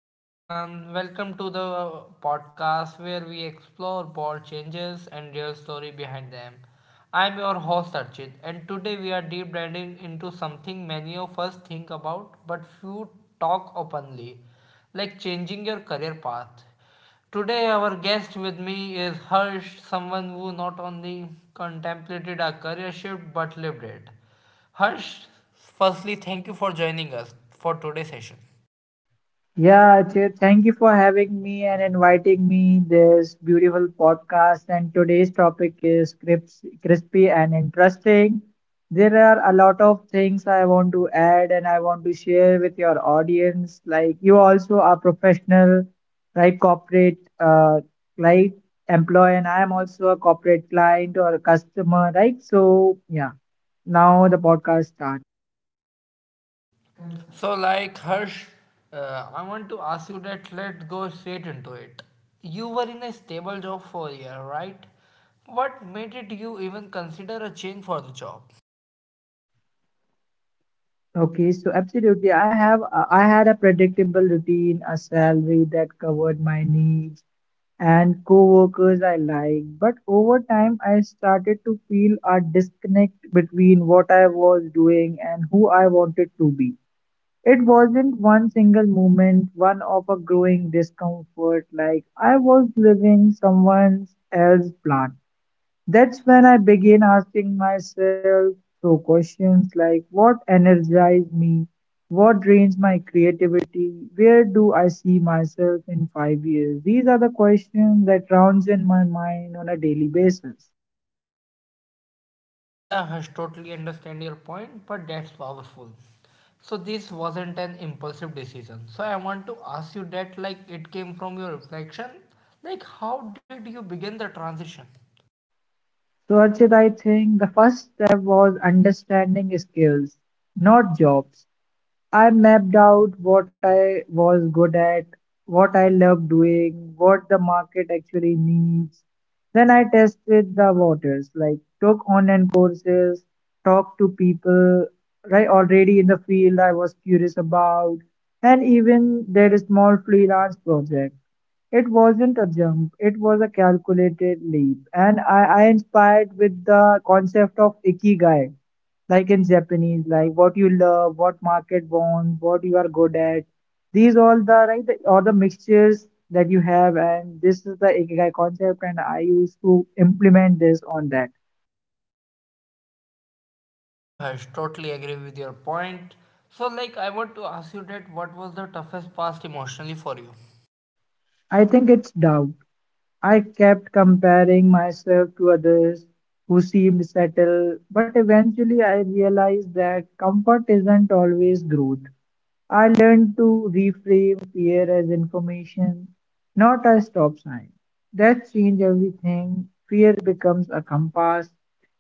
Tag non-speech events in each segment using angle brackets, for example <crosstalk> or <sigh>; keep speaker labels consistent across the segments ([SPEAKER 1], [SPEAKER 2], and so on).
[SPEAKER 1] Hi, everyone. Welcome to the podcast where we explore bold changes and real story behind them. I'm your host Archit, and today we are deep diving into something many of us think about but few talk openly, like changing your career path. Today, our guest with me is Harsh, someone who not only contemplated a career shift but lived it. Harsh, firstly, thank you for joining us for today's session.
[SPEAKER 2] Yeah, Ajay, thank you for having me and inviting me this beautiful podcast. And today's topic is crisp, crispy and interesting. There are a lot of things I want to add and I want to share with your audience. Like you also are professional, right? Corporate, right? Employee, and I am also a corporate client or a customer, right? So yeah, now the podcast starts.
[SPEAKER 1] So, like Harsh, I want to ask you that let's go straight into it. You were in a stable job for a year, right? What made it you even consider a change for the job?
[SPEAKER 2] Okay, so absolutely. I had a predictable routine, a salary that covered my needs, and coworkers I liked. But over time, I started to feel a disconnect between what I was doing and who I wanted to be. It wasn't one single moment, one of a growing discomfort, like I was living someone else's plan. That's when I begin asking myself so questions like what energizes me, what drains my creativity, where do I see myself in 5 years? These are the questions that rounds in my mind on a daily basis.
[SPEAKER 1] Yeah, Harsh, totally understand your point, but that's powerful. So this wasn't an impulsive decision. So I want to ask you that like it came from your reflection. Like how did you begin the transition?
[SPEAKER 2] So Archit, I think the first step was understanding skills, not jobs. I mapped out what I was good at, what I loved doing, what the market actually needs. Then I tested the waters, like took online courses, talked to people right already in the field I was curious about, and even did a small freelance project. It wasn't a jump, it was a calculated leap, and I inspired with the concept of ikigai like in Japanese, like what you love, what market wants, what you are good at. These all the right all the mixtures that you have, and this is the ikigai concept, and I used to implement this on that.
[SPEAKER 1] Yeah, Harsh, totally agree with your point. So like I want to ask you that what was the toughest past emotionally for you?
[SPEAKER 2] I think it's Dao. I kept comparing myself to others who seemed settled, but eventually I realized that comfort isn't always growth. I learned to reframe fear as information, not a stop sign. That changed everything. Fear becomes a compass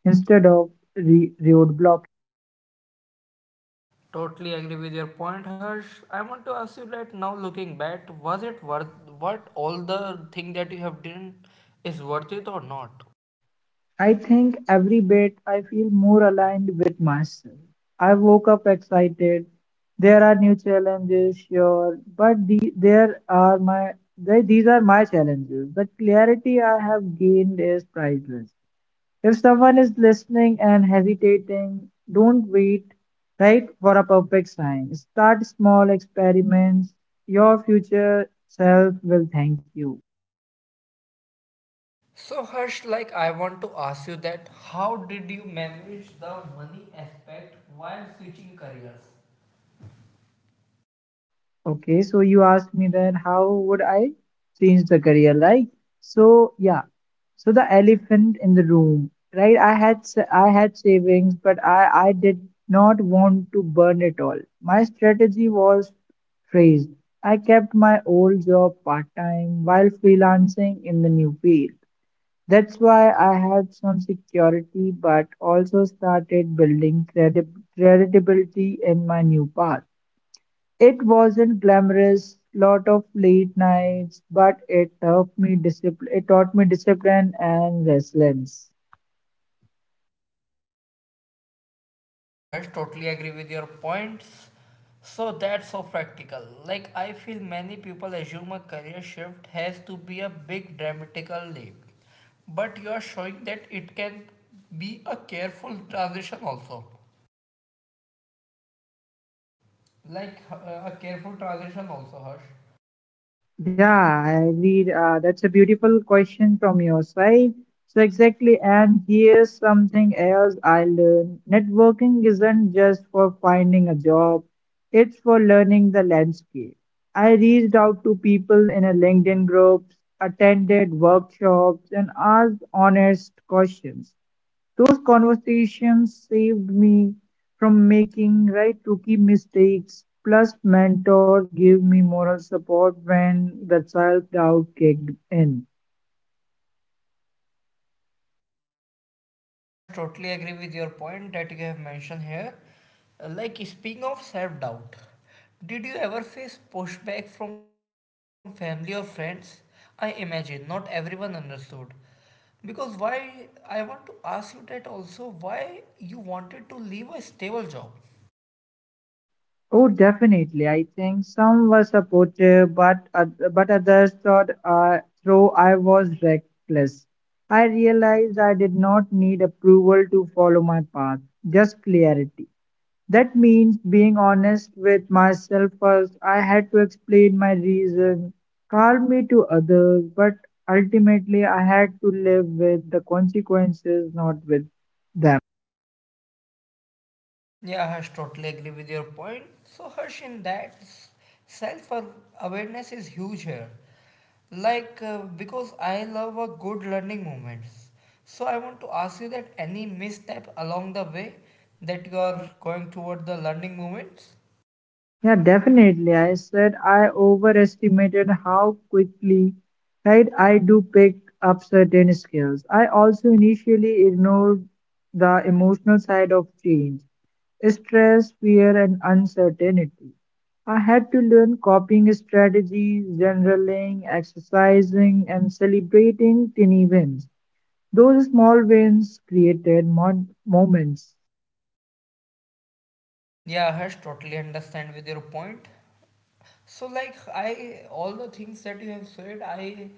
[SPEAKER 2] instead of roadblock.
[SPEAKER 1] Totally agree with your point, Harsh. I want to ask you that now looking back, was it worth what all the thing that you have done is worth it or not?
[SPEAKER 2] I think every bit I feel more aligned with myself. I woke up excited. There are new challenges, sure, but the, there are my they, these are my challenges. The clarity I have gained is priceless. If someone is listening and hesitating, don't wait right for a perfect sign. Start small experiments. Your future self will thank you.
[SPEAKER 1] So Harsh, like I want to ask you that how did you manage the money aspect while switching careers?
[SPEAKER 2] Okay, so you asked me then how would I change the career, like so yeah. So the elephant in the room, right? I had savings, but I did not want to burn it all. My strategy was phrased. I kept my old job part-time while freelancing in the new field. That's why I had some security, but also started building credit credibility in my new path. It wasn't glamorous, lot of late nights, but it helped me discipline. It taught me discipline and resilience.
[SPEAKER 1] Yeah, Harsh, totally agree with your points. So that's so practical. Like I feel many people assume a career shift has to be a big dramatical leap. But you are showing that it can be a careful transition also. Like a careful transition also, Harsh.
[SPEAKER 2] Yeah, I agree. That's a beautiful question from your side. So, exactly. And here's something else I learned networking isn't just for finding a job, it's for learning the landscape. I reached out to people in a LinkedIn groups, attended workshops, and asked honest questions. Those conversations saved me from making right rookie mistakes, plus mentors gave me moral support when the self-doubt kicked in.
[SPEAKER 1] Harsh, totally agree with your point that you have mentioned here. Like speaking of self doubt, did you ever face pushback from family or friends? I imagine not everyone understood. Because why I want to ask you that also why you wanted to leave a stable job.
[SPEAKER 2] Oh, definitely. I think some were supportive, but but others thought though I was reckless. I realized I did not need approval to follow my path, just clarity. That means being honest with myself first. I had to explain my reason, calm me to others, but ultimately I had to live with the consequences, not with them.
[SPEAKER 1] Yeah, Harsh, totally agree with your point. So, Harsh, in that, self awareness is huge here. Like, because I love a good learning moments. So, I want to ask you that any misstep along the way that you are going toward the learning moments?
[SPEAKER 2] Yeah, definitely. I said I overestimated how quickly, right, I do pick up certain skills. I also initially ignored the emotional side of change, stress, fear, and uncertainty. I had to learn coping strategies, journaling, exercising, and celebrating tiny wins. Those small wins created mon moments.
[SPEAKER 1] Yeah, Harsh, totally understand with your point. So like I all the things that you have said, I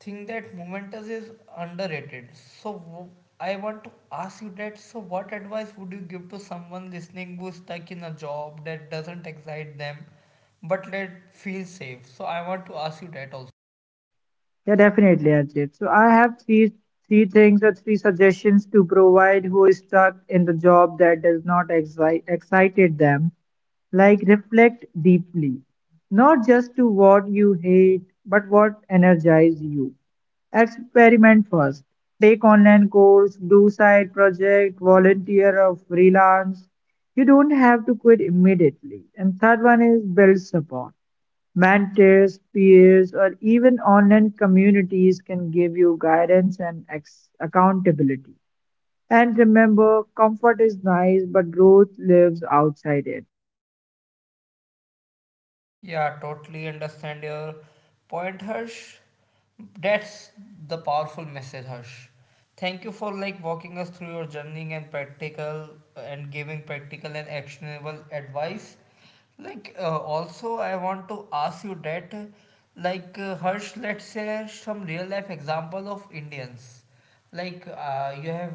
[SPEAKER 1] think that Momentous is underrated. So I want to ask you that. So what advice would you give to someone listening who's stuck in a job that doesn't excite them, but let feel safe? So I want to ask you that also.
[SPEAKER 2] Yeah, definitely, Ajit. So I have three things or three suggestions to provide who is stuck in the job that does not excited them. Like reflect deeply, not just to what you hate, but what energize you. Experiment first. Take online course, do side project, volunteer or freelance. You don't have to quit immediately. And third one is build support. Mentors, peers, or even online communities can give you guidance and accountability. And remember, comfort is nice, but growth lives outside it.
[SPEAKER 1] Yeah, totally understand your point, Harsh. That's the powerful message, Harsh. Thank you for like walking us through your journey and practical and giving practical and actionable advice. Like also, I want to ask you that, like Harsh, let's share some real life example of Indians like you have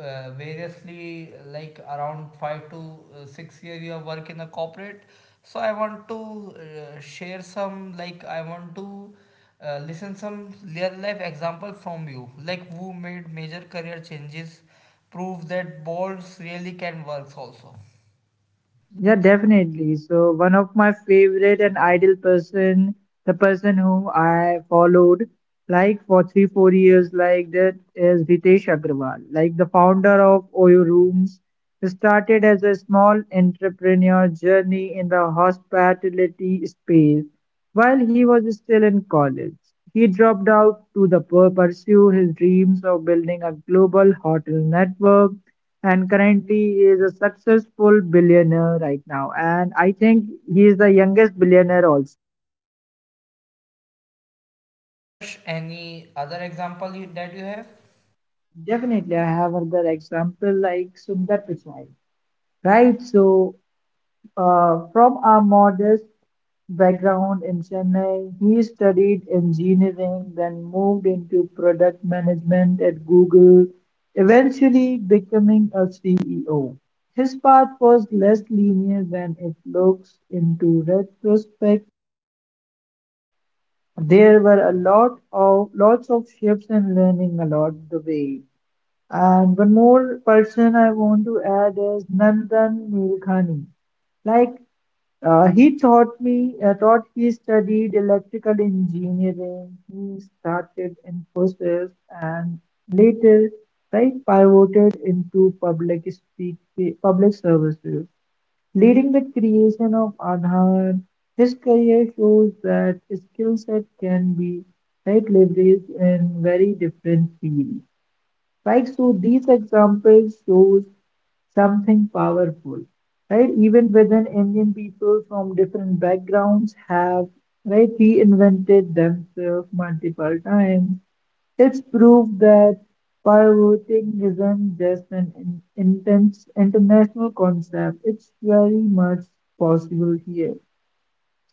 [SPEAKER 1] variously like around five to 6 year you have work in a corporate. So I want to share some like I want to listen some real life example from you. Like who made major career changes, prove that balls really can work also.
[SPEAKER 2] Yeah, definitely. So one of my favorite and ideal person, the person who I followed like for three, 4 years like that is Ritesh Agrawal, like the founder of OYO Rooms. He started as a small entrepreneur journey in the hospitality space while he was still in college. He dropped out to the pursue his dreams of building a global hotel network and currently he is a successful billionaire right now. And I think he is the youngest billionaire also.
[SPEAKER 1] Harsh, any other example you, that you have?
[SPEAKER 2] Definitely, I have another example like Sundar Pichai, right? So, from a modest background in Chennai, he studied engineering, then moved into product management at Google, eventually becoming a CEO. His path was less linear than it looks into retrospect. There were a lot of lots of shifts and learning along the way. And one more person I want to add is Nandan Nilekani. Like he taught me, taught he studied electrical engineering. He started Infosys and later, right, pivoted into public services. Leading the creation of Aadhaar, his career shows that skill set can be right leveraged in very different fields, right? So these examples shows something powerful, right? Even within Indian people from different backgrounds have, right, reinvented themselves multiple times. It's proof that pivoting isn't just intense international concept. It's very much possible here.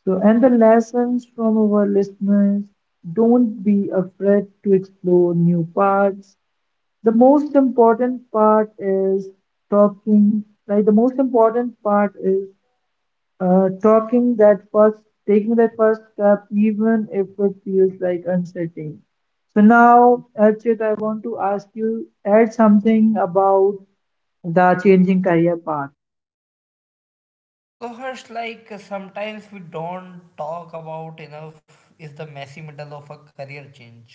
[SPEAKER 2] So, and the lessons from our listeners don't be afraid to explore new parts. The most important part is talking, right? The most important part is talking that first, taking that first step, even if it feels like uncertain. So now, Archit, I want to ask you add something about the changing career path.
[SPEAKER 1] So Harsh, like sometimes we don't talk about enough is the messy middle of a career change.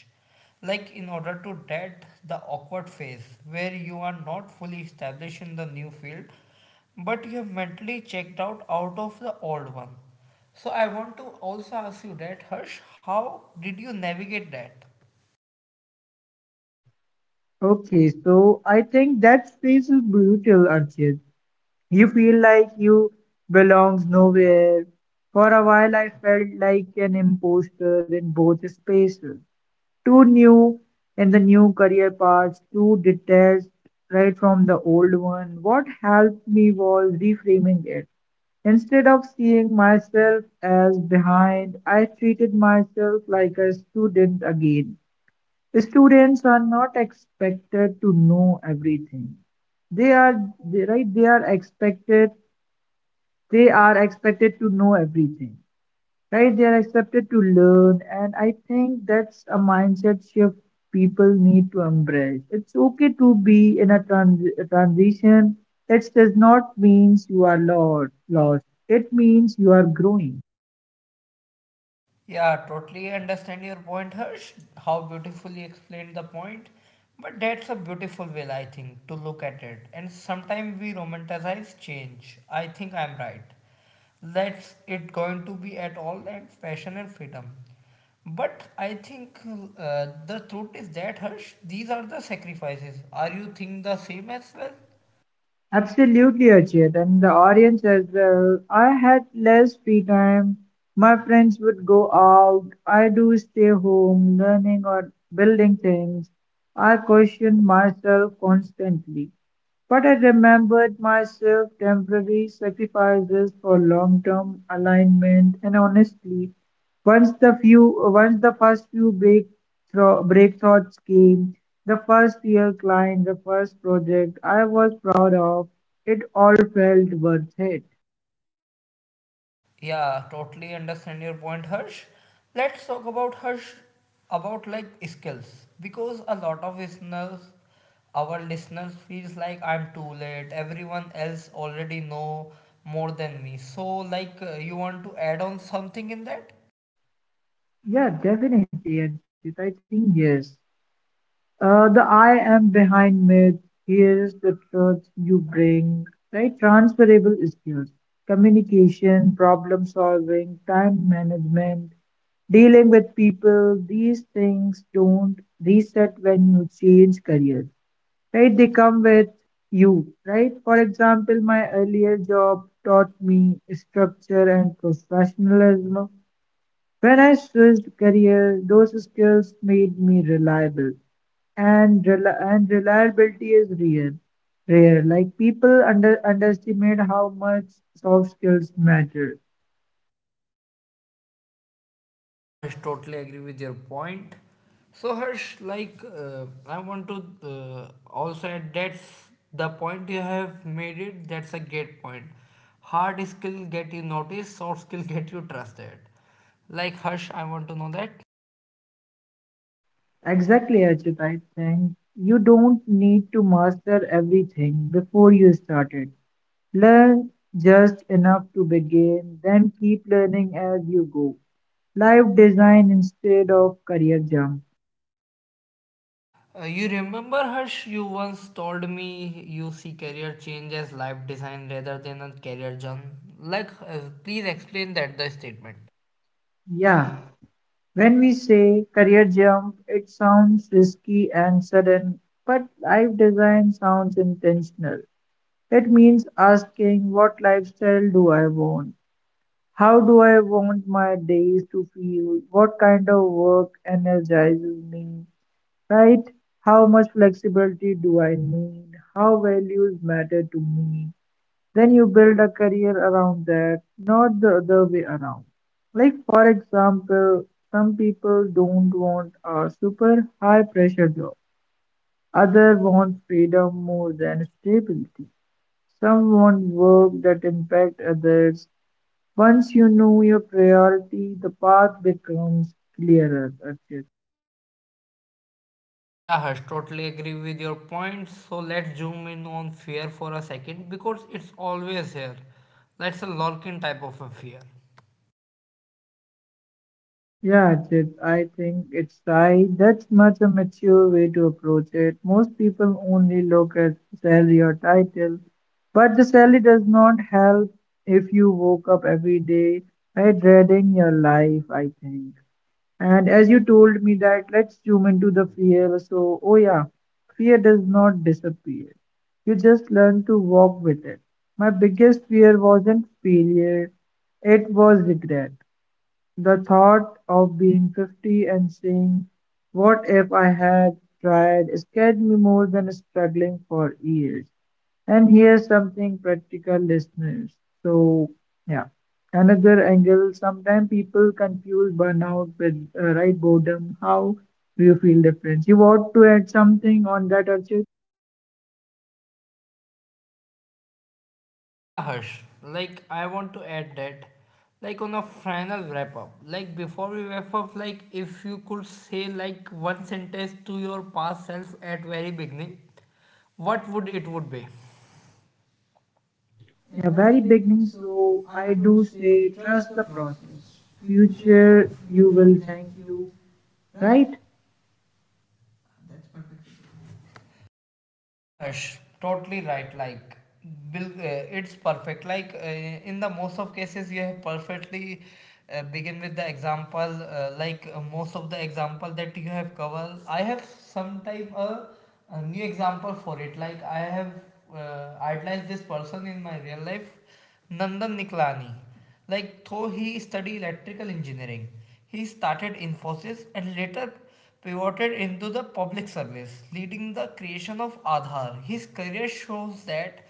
[SPEAKER 1] Like in order to that the awkward phase where you are not fully established in the new field, but you have mentally checked out of the old one. So I want to also ask you that Harsh, how did you navigate that?
[SPEAKER 2] Okay, so I think that's feels brutal, Archit. You feel like you belongs nowhere. For a while, I felt like an imposter in both spaces. Too new in the new career paths, too detached right from the old one. What helped me was reframing it. Instead of seeing myself as behind, I treated myself like a student again. Students are not expected to know everything. they are they, right they are expected they are expected to know everything, right, they are expected to learn, and I think that's a mindset shift people need to embrace. It's okay to be in a, a transition. It does not means you are lost, it means you are growing.
[SPEAKER 1] Yeah, totally understand your point, Harsh. How beautifully you explained the point. But that's a beautiful way, I think, to look at it. And sometimes we romanticize change. I think I'm right. That's it going to be at all and fashion and freedom. But I think the truth is that, Harsh, these are the sacrifices. Are you think the same as well?
[SPEAKER 2] Absolutely, Ajit, and the audience as well. I had less free time. My friends would go out. I do stay home, learning or building things. I question myself constantly. But I remembered myself temporary sacrifices for long-term alignment, and honestly, once the first few breakthroughs came, the first real client, the first project I was proud of, it all felt worth it.
[SPEAKER 1] Yeah, totally understand your point, Harsh. Let's talk about Harsh about like skills because a lot of listeners, our listeners feels like I'm too late. Everyone else already know more than me. So like you want to add on something in that?
[SPEAKER 2] Yeah, definitely, Archit. I think yes. The I am behind myth. Here's the truth you bring, right? Transferable skills, communication, problem solving, time management, dealing with people. These things don't reset when you change career, right? They come with you, right? For example, my earlier job taught me structure and professionalism. When I switched career, those skills made me reliable, and reliability is rare. Like people underestimate how much soft skills matter.
[SPEAKER 1] Yeah, Harsh, totally agree with your point. So, Harsh, like, I want to also add that's the point you have made it, that's a great point. Hard skill get you noticed, soft skill <laughs> get you trusted. Like, Harsh, I want to know that.
[SPEAKER 2] Exactly, Ajit. I think you don't need to master everything before you started. Learn just enough to begin, then keep learning as you go. Life design instead of career jump.
[SPEAKER 1] You remember, Harsh, you once told me you see career change as life design rather than a career jump. Like, please explain that the statement.
[SPEAKER 2] Yeah. When we say career jump, it sounds risky and sudden, but life design sounds intentional. It means asking what lifestyle do I want? How do I want my days to feel? What kind of work energizes me? Right? How much flexibility do I need? How values matter to me? Then you build a career around that, not the other way around. Like, for example, some people don't want a super high pressure job, others want freedom more than stability. Some want work that impacts others. Once you know your priority, the path becomes clearer, Archit.
[SPEAKER 1] Yeah, Harsh, totally agree with your point. So let's zoom in on fear for a second because it's always here. That's a lurking type of a fear.
[SPEAKER 2] Yeah, Ajit, I think it's right. That's much a mature way to approach it. Most people only look at salary or title, but the salary does not help if you woke up every day by dreading your life, I think. And as you told me that, let's zoom into the fear. So, oh yeah, fear does not disappear. You just learn to walk with it. My biggest fear wasn't failure, it was regret. The thought of being 50 and saying, what if I had tried scared me more than struggling for years. And here's something practical, listeners. So, yeah, another angle. Sometimes people confuse burnout with right boredom. How do you feel difference? You ought to add something on that, Archit.
[SPEAKER 1] Yeah, Harsh, like I want to add that, like on a final wrap up, like before we wrap up, like if you could say like one sentence to your past self at very beginning, what would it would be? A
[SPEAKER 2] Yeah,
[SPEAKER 1] very
[SPEAKER 2] very
[SPEAKER 1] beginning,
[SPEAKER 2] beginning.
[SPEAKER 1] so
[SPEAKER 2] So
[SPEAKER 1] I
[SPEAKER 2] I
[SPEAKER 1] do
[SPEAKER 2] do
[SPEAKER 1] say
[SPEAKER 2] say
[SPEAKER 1] trust
[SPEAKER 2] trust
[SPEAKER 1] the
[SPEAKER 2] the process.
[SPEAKER 1] process. Future,
[SPEAKER 2] Future,
[SPEAKER 1] you
[SPEAKER 2] you
[SPEAKER 1] will
[SPEAKER 2] will
[SPEAKER 1] thank
[SPEAKER 2] thank
[SPEAKER 1] you,
[SPEAKER 2] you,
[SPEAKER 1] right?
[SPEAKER 2] right?
[SPEAKER 1] That's perfectly good. Yeah, Harsh, totally right. Like, Bill, it's perfect. Like, in the most of cases, you have perfectly begin with the example. Like most of the example that you have covered, I have some type a new example for it. Like, I have idolized this person in my real life, Nandan Niklani. Like, though he studied electrical engineering, he started Infosys and later pivoted into the public service, leading the creation of Aadhaar. His career shows that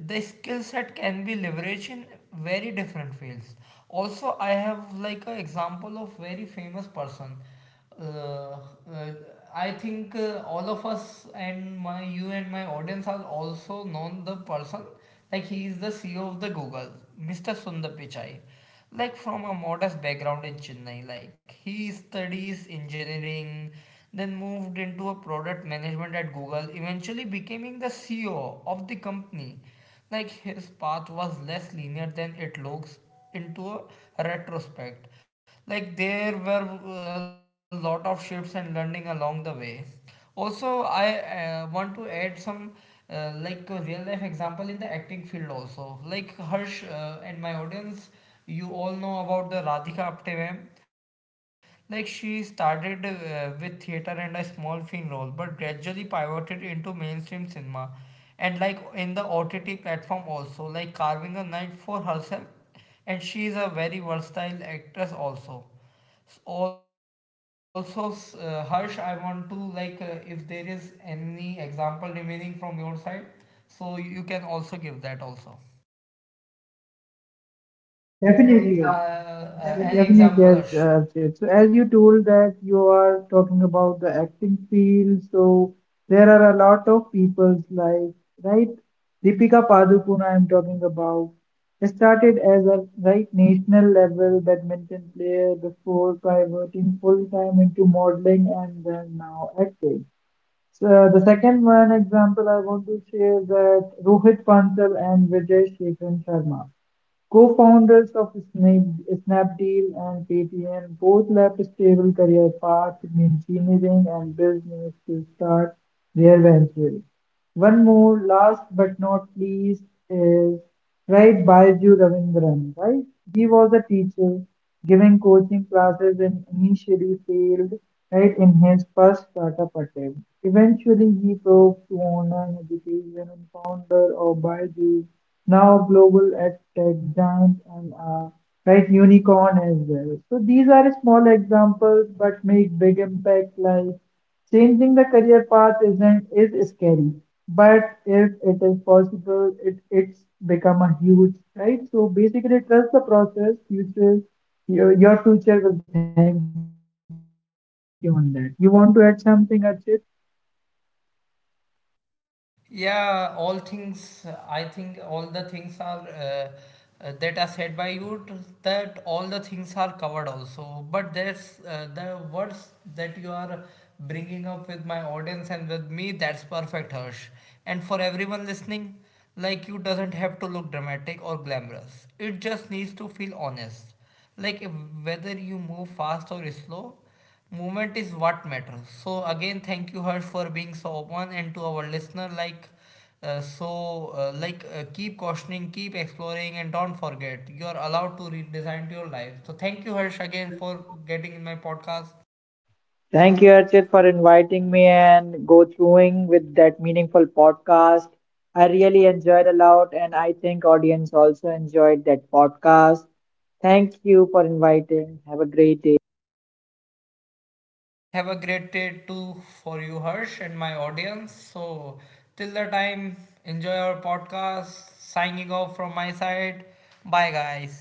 [SPEAKER 1] the skill set can be leveraged in very different fields. Also, I have like an example of very famous person uh, uh, I think all of us and my you and my audience are also known the person. Like he is the CEO of the Google, Mr. Sundar Pichai. Like from a modest background in Chennai, like he studies engineering, then moved into a product management at Google, eventually becoming the CEO of the company. Like his path was less linear than it looks into a retrospect. Like there were a lot of shifts and learning along the way. Also, I want to add some like a real life example in the acting field also. Like Harsh and my audience, you all know about the Radhika Apte ma'am. Like she started with theater and a small film role, but gradually pivoted into mainstream cinema, and like in the OTT platform also, like carving a niche for herself. And she is a very versatile actress also. Also, Harsh, I want to like if there is any example remaining from your side, so you can also give that also. Uh,
[SPEAKER 2] Definitely. So,
[SPEAKER 1] uh, any
[SPEAKER 2] yeah,
[SPEAKER 1] Definitely
[SPEAKER 2] definitely.
[SPEAKER 1] example,
[SPEAKER 2] Yes,
[SPEAKER 1] Harsh?
[SPEAKER 2] Sid. So as you told that you are talking about the acting field, so there are a lot of people like, right? Deepika Padukone, I'm talking about. She started as a right national level badminton player before pivoting full time into modeling and then now acting. So the second one example I want to share is that Rohit Bansal and Vijay Shekhar Sharma. Co-founders of Snapdeal and Paytm both left stable career paths in engineering and business to start their ventures. One more, last but not least, is right Baiju Ravindran, right? He was a teacher giving coaching classes and initially failed right in his first startup attempt. Eventually, he broke to online education and founder of Baiju, now global ad tech giant and right unicorn as well. So these are small examples but make big impact. Like changing the career path isn't is scary, but if it is possible it it's become a huge right. So basically trust the process future your future will thank you. On that you want to add something, Archit?
[SPEAKER 1] Yeah, all things, I think all the things are that are said by you, that all the things are covered also. But there's the words that you are bringing up with my audience and with me, that's perfect, Harsh. And for everyone listening, like you doesn't have to look dramatic or glamorous. It just needs to feel honest. Like if, whether you move fast or slow, movement is what matters. So again, thank you her for being so open, and to our listener like so like keep questioning, keep exploring, and don't forget you are allowed to redesign your life. So thank you, Harsh, again for getting in my podcast.
[SPEAKER 2] Thank you, Archit, for inviting me and go throughing with that meaningful podcast. I really enjoyed a lot, and I think audience also enjoyed that podcast. Thank you for inviting. Have a great day.
[SPEAKER 1] Have a great day too for you, Harsh, and my audience. So till the time, enjoy our podcast. Signing off from my side. Bye, guys.